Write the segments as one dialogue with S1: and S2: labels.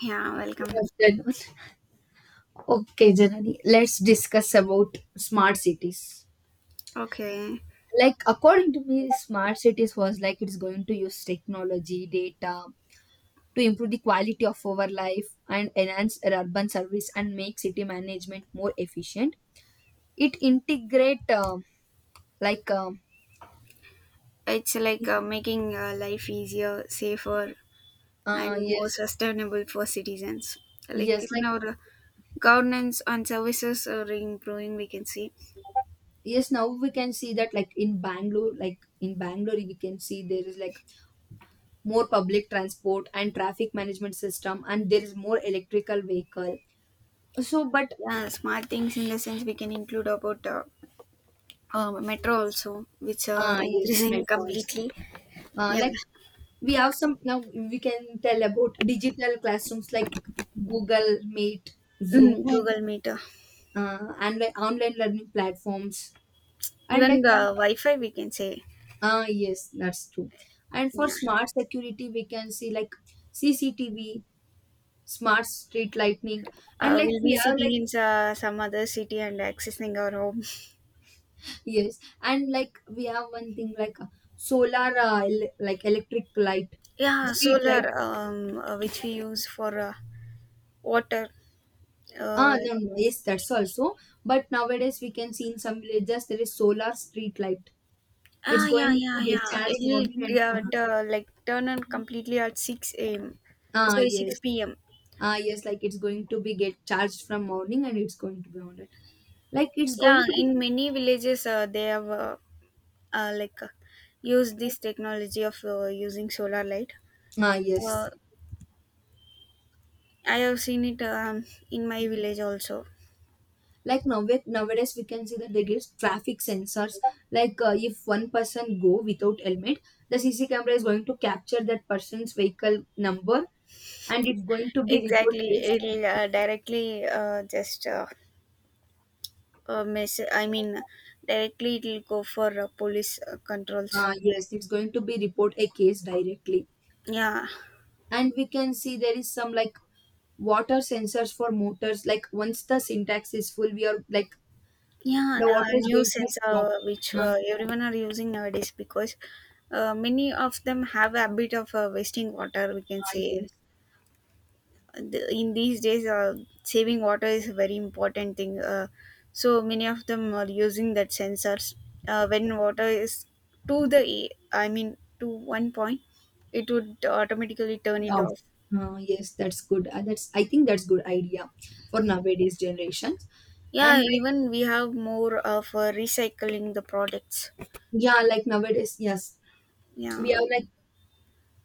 S1: Yeah, welcome.
S2: Good afternoon. Okay, Janani, let's discuss about smart cities.
S1: Okay.
S2: Like, according to me, smart cities was like it's going to use technology, data to improve the quality of our life and enhance our urban service and make city management more efficient. It integrate like
S1: It's like making life easier, safer, and more
S2: yes,
S1: sustainable for citizens. Like
S2: yes,
S1: even
S2: like
S1: our governance on services are improving, we can see.
S2: yes. Now we can see that like in Bangalore, we can see there is like more public transport and traffic management system and there is more electrical vehicle so but
S1: Yeah, smart things in the sense we can include about metro also, which are
S2: yes,
S1: increasing
S2: metro also,
S1: completely. Yeah.
S2: like we have some now we can tell about digital classrooms like Google Meet, Zoom.
S1: Mm,
S2: Hmm.
S1: Google Meet.
S2: And like online learning platforms, and like
S1: Even the Wi-Fi, we can say.
S2: ah, yes, that's true. And for
S1: Yeah.
S2: smart security, we can see like CCTV, smart street lighting, and like
S1: We'll be
S2: we have
S1: sitting
S2: like
S1: in some other city and accessing our home.
S2: yes, and like we have one thing like solar, like electric light,
S1: Yeah,
S2: street
S1: solar,
S2: light.
S1: which we use for water.
S2: Ah,
S1: Uh,
S2: no, no, no. Yes, that's also. But nowadays we can see in some villages there is solar street light. It's
S1: yeah,
S2: going to
S1: yeah,
S2: get
S1: yeah.
S2: charged
S1: It'll
S2: morning and
S1: turn on completely at 6 a.m.
S2: ah,
S1: Sorry,
S2: yes,
S1: 6 p.m.
S2: ah yes, like it's going to be get charged from morning and it's going to be on it. Like it's going
S1: Yeah,
S2: to be
S1: in many villages, they have uh, like uh, used this technology of using solar light.
S2: ah, yes.
S1: Uh, I have seen it in my village also.
S2: Like now with nowadays we can see that they give traffic sensors, like if one person go without helmet, the cc camera is going to capture that person's vehicle number and it's going to be report
S1: Exactly,
S2: case.
S1: it'll directly just mess I mean directly it will go for police controls.
S2: Yes, it's going to be report a case directly.
S1: Yeah
S2: And we can see there is some like water sensors for motors, like once the syntax is full, we are like
S1: yeah.
S2: the
S1: And
S2: water is
S1: new
S2: going to be stopped.
S1: sensor which
S2: um,
S1: everyone are using nowadays because many of them have a bit of wasting water, we can
S2: ah,
S1: say.
S2: yes.
S1: In these days, saving water is a very important thing. So many of them are using that sensors when water is to the I mean to one point, it would automatically turn it
S2: Yeah.
S1: off.
S2: Ah, yes, that's good. Ah, that's, I think, that's good idea for nowadays generation. And
S1: Yeah,
S2: like
S1: even we have more of recycling the products.
S2: yeah, like nowadays, yes, we
S1: Yeah,
S2: are like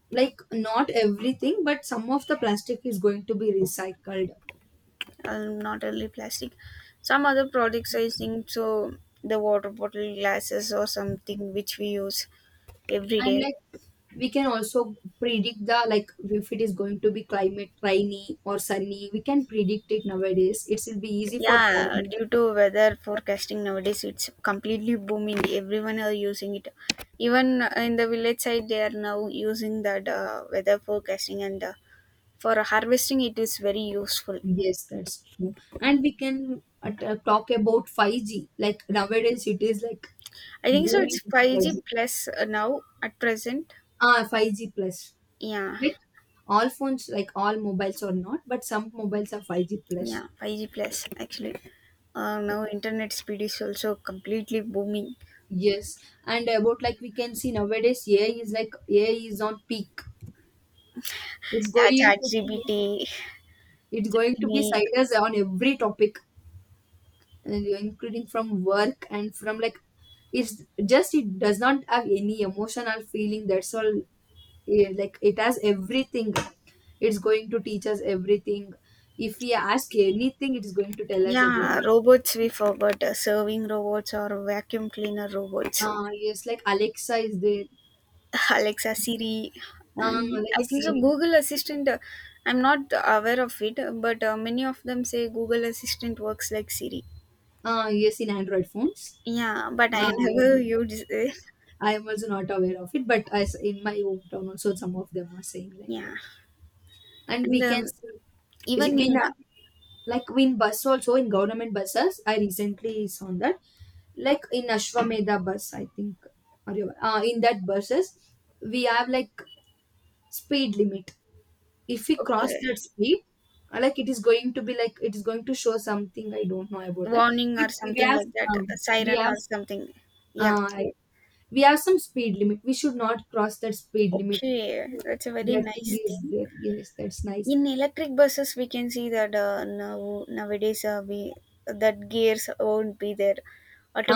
S2: like not everything, but some of the plastic is going to be recycled.
S1: not only plastic. Some other products, I think so, the water bottle glasses or something which we use every
S2: And
S1: day.
S2: like we can also predict the like if it is going to be climate rainy or sunny, we can predict it nowadays, it will be easy for
S1: Yeah,
S2: foreign.
S1: due to weather forecasting nowadays, it's completely booming. Everyone are using it. Even in the village side, they are now using that weather forecasting, and for harvesting, it is very useful.
S2: Yes, that's true. And we can talk about 5G, like nowadays it is like
S1: I think so. It's
S2: booming
S1: 5G
S2: technology.
S1: plus now at present.
S2: Ah, 5G plus,
S1: Yeah.
S2: like all phones, like all mobiles are not, but some mobiles are 5G plus.
S1: Yeah 5G plus actually now internet speed is also completely booming.
S2: Yes, and about like we can see nowadays, AI is like AI is on peak. It's
S1: Yeah,
S2: going
S1: chat
S2: to be,
S1: gpt,
S2: it's going to be
S1: gemini.
S2: sideways on every topic, and including from work and from like it's just it does not have any emotional feeling. That's all. Yeah, like it has everything. It's going to teach us everything. If we ask anything, it's going to tell us about
S1: Yeah,
S2: it.
S1: robots, we forgot serving robots or vacuum cleaner
S2: Yeah.
S1: robots.
S2: Yes, like Alexa is there.
S1: Alexa, Siri, and
S2: Like
S1: I think so
S2: Siri.
S1: Google Assistant. I'm not aware of it, but many of them say Google Assistant works like Siri.
S2: Yes, in Android phones.
S1: Yeah, but
S2: Uh,
S1: I never used it.
S2: I am also not aware of it, but as in my hometown also, some of them are saying like
S1: Yeah
S2: that. And
S1: and
S2: we can see, is it-
S1: even
S2: we
S1: in
S2: now- like in bus also in government buses. I recently saw that, like in Ashwamedha bus, I think, or in that buses we have like speed limit. If we cross
S1: Okay.
S2: that speed, like it is going to be like it is going to show something, I don't know about that.
S1: Warning
S2: But
S1: or
S2: we
S1: something
S2: have
S1: like that, a
S2: we
S1: siren
S2: have.
S1: or something. Yeah.
S2: Uh, we have some speed limit, we should not cross that speed limit.
S1: Okay, that's a very
S2: That thing
S1: nice
S2: is
S1: thing.
S2: there, yes, that's nice.
S1: In electric buses, we can see that now nowadays we that gears won't be there,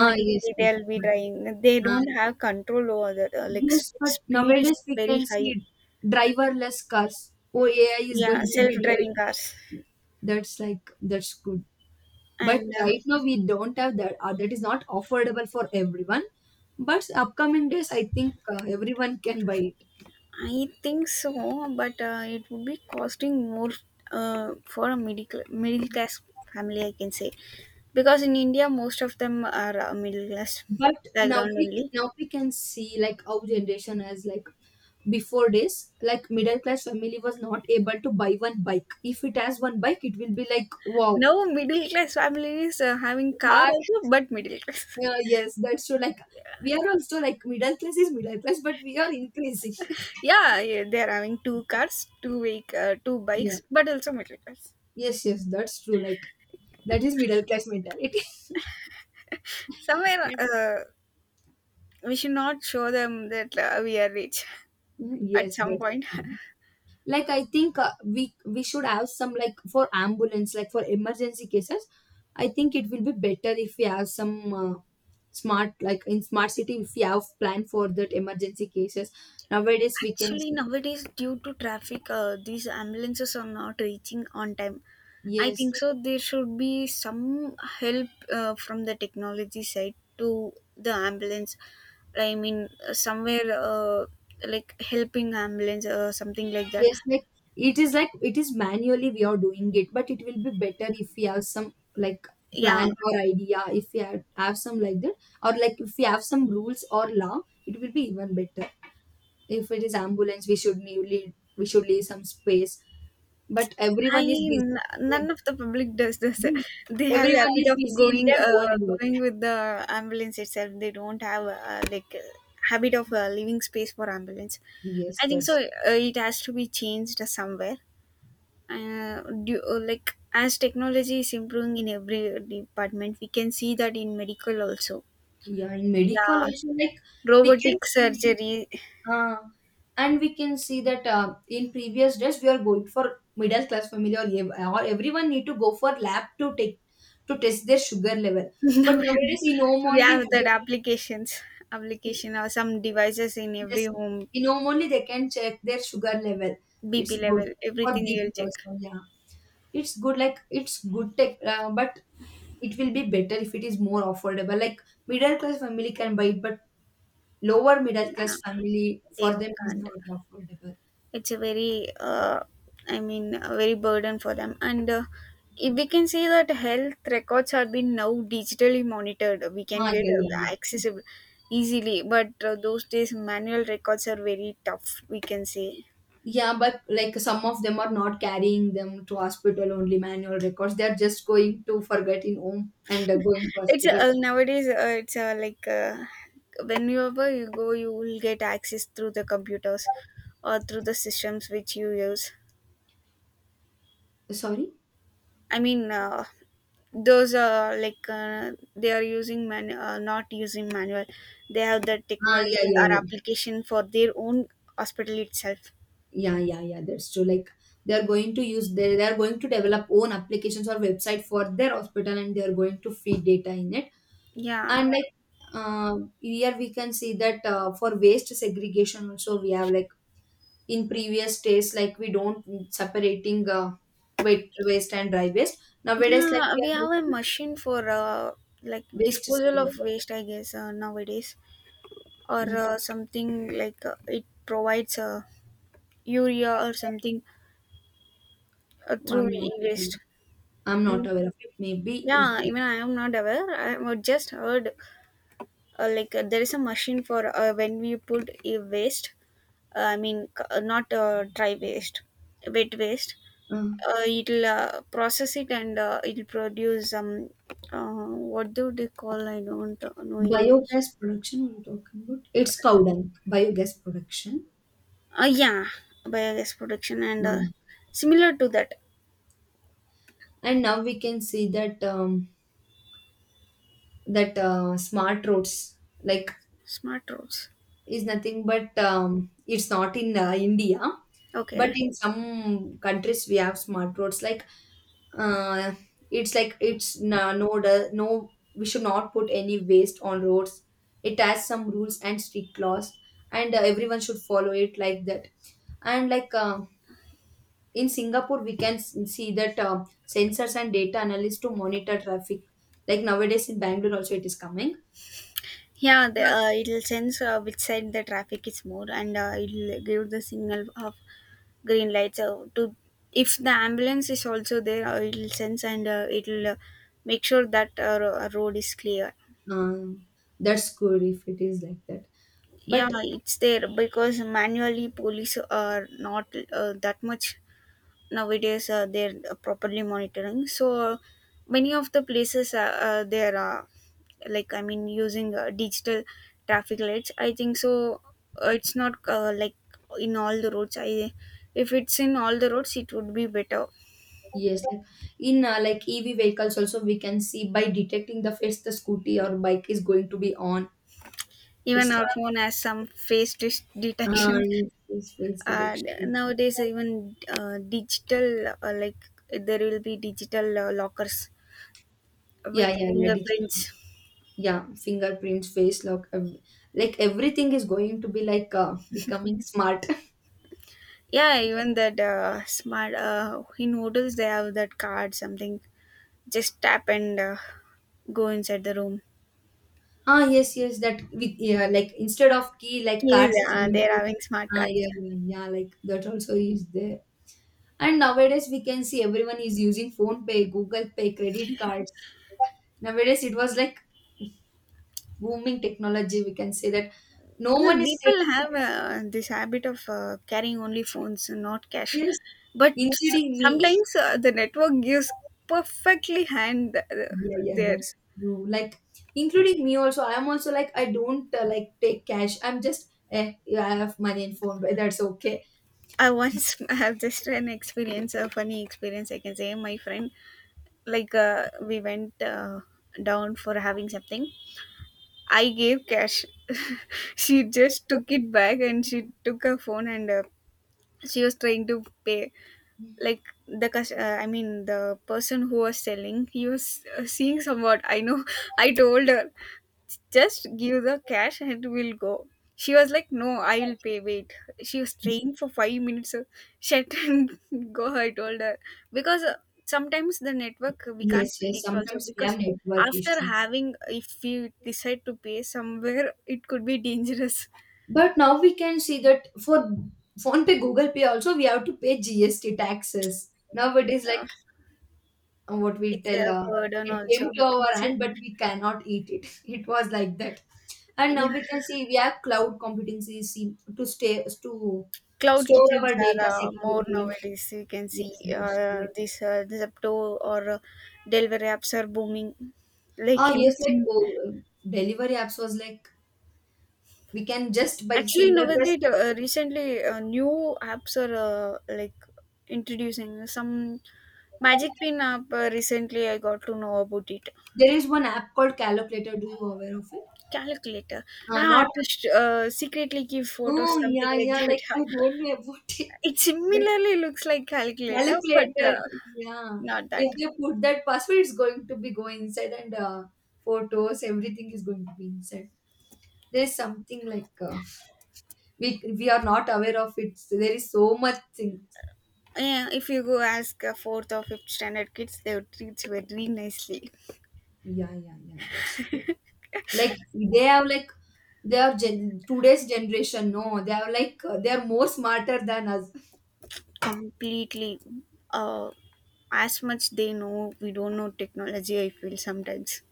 S2: Ah, yes, yes.
S1: they'll be driving, they
S2: Ah,
S1: don't have control over that, like
S2: yes, but
S1: speed is
S2: nowadays we
S1: very
S2: can
S1: high.
S2: see driverless cars. Oh, ai is
S1: Yeah,
S2: going to be driving.
S1: self-driving cars
S2: That's like that's good. But
S1: and
S2: right now we don't have that, or that is not affordable for everyone. But upcoming days, I think, everyone can buy it.
S1: I think so, but it would be costing more for a middle class family, I can say, because in India most of them are middle class
S2: But now
S1: background
S2: we
S1: only.
S2: now we can see like our generation has like before this, like middle class family was not able to buy one bike. If it has one bike, it will be like wow.
S1: Now middle class families having car
S2: Car,
S1: also, but middle class.
S2: yeah, yes, that's true. Like we are also like middle class is middle class, but we are increasing.
S1: Yeah, yeah, they are having two cars, two
S2: Yeah,
S1: bikes, but also middle class.
S2: yes, yes, that's true. Like that is middle class mentality.
S1: Somewhere we should not show them that we are rich at
S2: Yes,
S1: some
S2: that's
S1: point.
S2: true. Like I think we should have some like for ambulance, like for emergency cases. I think it will be better if we have some smart, like in smart city if we have plan for that emergency cases nowadays, we can
S1: Actually,
S2: see
S1: nowadays, due to traffic, these ambulances are not reaching on time. I
S2: yes,
S1: think so. There should be some help from the technology side to the ambulance. I mean, somewhere like helping ambulance or something like that.
S2: yes, like it is manually we are doing it, but it will be better if we have some like
S1: Yeah,
S2: plan or idea if we have some like that, or like if we have some rules or law, it will be even better. If it is ambulance, we should we should leave some space. But
S1: I n- none of the public does this. They
S2: their-
S1: have a
S2: everyone
S1: habit
S2: is
S1: of
S2: busy in their own work.
S1: going with the ambulance itself. They don't have habit of leaving space for ambulance.
S2: Yes,
S1: I think so.
S2: that's
S1: It has to be changed somewhere. Like as technology is improving in every department, we can see that in medical also.
S2: yeah, in medical
S1: Yeah,
S2: also, like we can
S1: robotic
S2: see,
S1: surgery.
S2: uh, and we can see that in previous days we are going for middle class family or everyone need to go for lab to take to test their sugar level. But
S1: Now
S2: nowadays, in home
S1: we
S2: only,
S1: have that
S2: they-
S1: applications, application or some devices in every
S2: yes,
S1: home.
S2: in home only they can check their sugar level. It's
S1: BP
S2: good
S1: level,
S2: for
S1: everything we'll
S2: BP
S1: check.
S2: also. Yeah, it's good. Like it's good tech, but it will be better if it is more affordable. Like middle class family can buy it, but lower middle
S1: No,
S2: class family
S1: they
S2: for them is
S1: can't.
S2: not affordable.
S1: It's a I mean, a very burden for them. And if we can see that health records are being now digitally monitored, we can
S2: Ah,
S1: get
S2: yeah, yeah, yeah.
S1: accessible easily. But those days, manual records are very tough, we can say.
S2: Yeah, but like some of them are not carrying them to hospital only manual records. They're just going to forget in home and going to
S1: It's
S2: hospital.
S1: Nowadays, it's like whenever you go, you will get access through the computers or through the systems which you use.
S2: Sorry?
S1: I mean, those are like they are using man not using manual, they have the
S2: Ah, yeah,
S1: technology
S2: yeah,
S1: or
S2: yeah.
S1: application for their own hospital itself.
S2: Yeah, yeah, yeah. That's true. Like they're going to develop own applications or website for their hospital, and they're going to feed data in it.
S1: yeah
S2: And like here we can see that for waste segregation also we have like in previous days, like we don't separating wet waste and dry waste, nowadays like
S1: yeah
S2: we
S1: we
S2: are
S1: have a
S2: making
S1: machine for like
S2: waste
S1: disposal of
S2: segregation.
S1: waste, I guess, nowadays, or
S2: Like
S1: something like it provides urea or
S2: oh,
S1: something
S2: i'm
S1: through
S2: not
S1: e-waste.
S2: aware- I'm not
S1: Mm.
S2: aware of it, maybe it,
S1: Yeah, even I am not aware, I have just heard There is a machine for when we put e-waste, I mean c- not dry waste wet waste,
S2: uh,
S1: it'll process it, and it'll produce uh, what do they call, I don't know in english.
S2: biogas production we're talking about, it's cow
S1: uh,
S2: dung. Biogas production.
S1: yeah, biogas production, and
S2: Mm.
S1: similar to that.
S2: And now we can see that that smart roads like
S1: Smart roads.
S2: is nothing but it's not in India, but
S1: Okay.
S2: in some countries we have smart roads. Like uh, it's like it's no, we should not put any waste on roads. It has some rules and strict laws, and everyone should follow it like that. And like in Singapore, we can see that sensors and data analysts to monitor traffic. Like nowadays in Bangalore also it is coming.
S1: Yeah, it'll sense which side the traffic is more, and it'll give the signal of green light. So to, if the ambulance is also there, it'll sense, and it'll make sure that road is clear.
S2: Um, that's good if it is like that,
S1: Yeah,
S2: but
S1: it's there because manually police are not that much nowadays. They're properly monitoring, so many of the places, there are, like I mean, using digital traffic lights, I think so. It's not in all the roads. I If it's in all the roads it would be better.
S2: yes, like in like EV vehicles also we can see by detecting the face, the scooty or bike is going to be on.
S1: Even
S2: It's like
S1: our phone has some detection.
S2: yes, yes, face
S1: Uh,
S2: detection.
S1: Nowadays, even digital, like there will be digital lockers
S2: Yeah,
S1: with
S2: yeah, yeah. Digital.
S1: fingerprints.
S2: Yeah, fingerprints, face lock, like everything is going to be like becoming smart.
S1: Yeah, even that smart in hotels they have that card something. Just tap and go inside the room.
S2: Ah, yes, yes. That with yeah, like instead of key, like
S1: Yes,
S2: cards is going
S1: they are
S2: to.
S1: having smart
S2: Ah, yeah,
S1: cards.
S2: yeah, yeah. Like that also is there. And nowadays we can see everyone is using phone pay, Google Pay, credit cards. Nowadays it was like booming technology. We can say that no
S1: Well,
S2: one is
S1: people
S2: taking
S1: have
S2: cash,
S1: this habit of carrying only phones and not cash,
S2: yes,
S1: but
S2: including me.
S1: sometimes the network gives perfectly hand
S2: Yeah, yeah,
S1: there.
S2: that's true. Like including me also. I'm also like I don't like take cash. I'm just eh, yeah, I have money in phone, but that's okay.
S1: I once have just an experience, a funny experience, I can say. My friend, like, we went down for having something. I gave cash. She just took it back and she took her phone, and she was trying to pay, like, the cus- I mean the person who was selling, he was seeing somewhat, I know. I told her, just give the cash and we'll go. She was like, no, I will pay, wait. She was staying for 5 minutes. So shut and go, I told her, because sometimes the network we can't
S2: Yes, yes.
S1: predict also,
S2: Sometimes we have
S1: because
S2: network
S1: after
S2: issues.
S1: having, if you decide to pay somewhere, it could be dangerous.
S2: But now we can see that for phone pay, Google Pay also we have to pay GST taxes.
S1: it's
S2: Nowadays, like
S1: a,
S2: what we
S1: it's
S2: tell,
S1: a burden
S2: it came
S1: also,
S2: to
S1: we can
S2: our
S1: say.
S2: hand, but we cannot eat it. It was like that. And now
S1: Yeah,
S2: we can see we have cloud computing CC to stay to
S1: cloud
S2: store
S1: kitchens
S2: our
S1: are
S2: data
S1: more
S2: securely.
S1: nowadays. You can see
S2: Yes, that's right.
S1: this Zepto, or delivery apps are booming.
S2: Ah,
S1: Like
S2: yes, like
S1: anything,
S2: oh, delivery apps was like we can just by
S1: actually
S2: single press.
S1: nowadays, recently new apps are like introducing some magic pin app. Recently, I got to know about it.
S2: There is one app called Calculator. Do you aware of it?
S1: Calculator, ah,
S2: Not
S1: to secretly give photos,
S2: oh,
S1: something
S2: yeah,
S1: like
S2: yeah. Like I
S1: that.
S2: don't know about it.
S1: It
S2: Like
S1: similarly looks like calculator, but
S2: calculator. Yeah.
S1: not
S2: If
S1: that.
S2: they put that password, it's going to be going inside, and photos, everything is going to be inside. There's something like we are not aware of it. So there is so much thing.
S1: Yeah, if you go ask a fourth or fifth standard kids, they would treat you very nicely,
S2: Yeah, yeah, yeah. That's true. Like they have like today's generation. No, they are like they are more smarter than us.
S1: completely. Uh, as much they know, we don't know technology, I feel sometimes.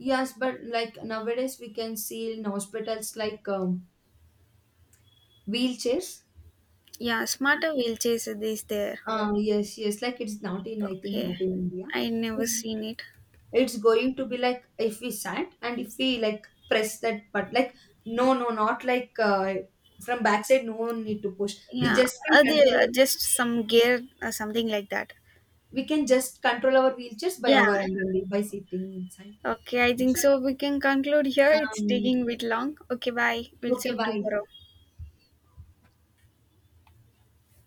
S2: Yes, but like nowadays we can see in hospitals like wheelchairs.
S1: Yeah, smarter wheelchairs is there.
S2: Yeah, yes, yes. Like it's not in, I think,
S1: Okay,
S2: not in India.
S1: I never
S2: It's mm,
S1: seen it.
S2: it's going to be like if we sat and if we like press that, but like no, no, not like from backside. No one need to push. We
S1: Yeah,
S2: just can
S1: are they
S2: control.
S1: just some gear or something like that?
S2: We can just control our wheelchairs by
S1: Yeah.
S2: our end only by sitting inside.
S1: Okay, I think so, we can conclude here. It's
S2: Um,
S1: taking a bit long. Okay, bye. We'll see
S2: okay,
S1: you
S2: bye.
S1: tomorrow.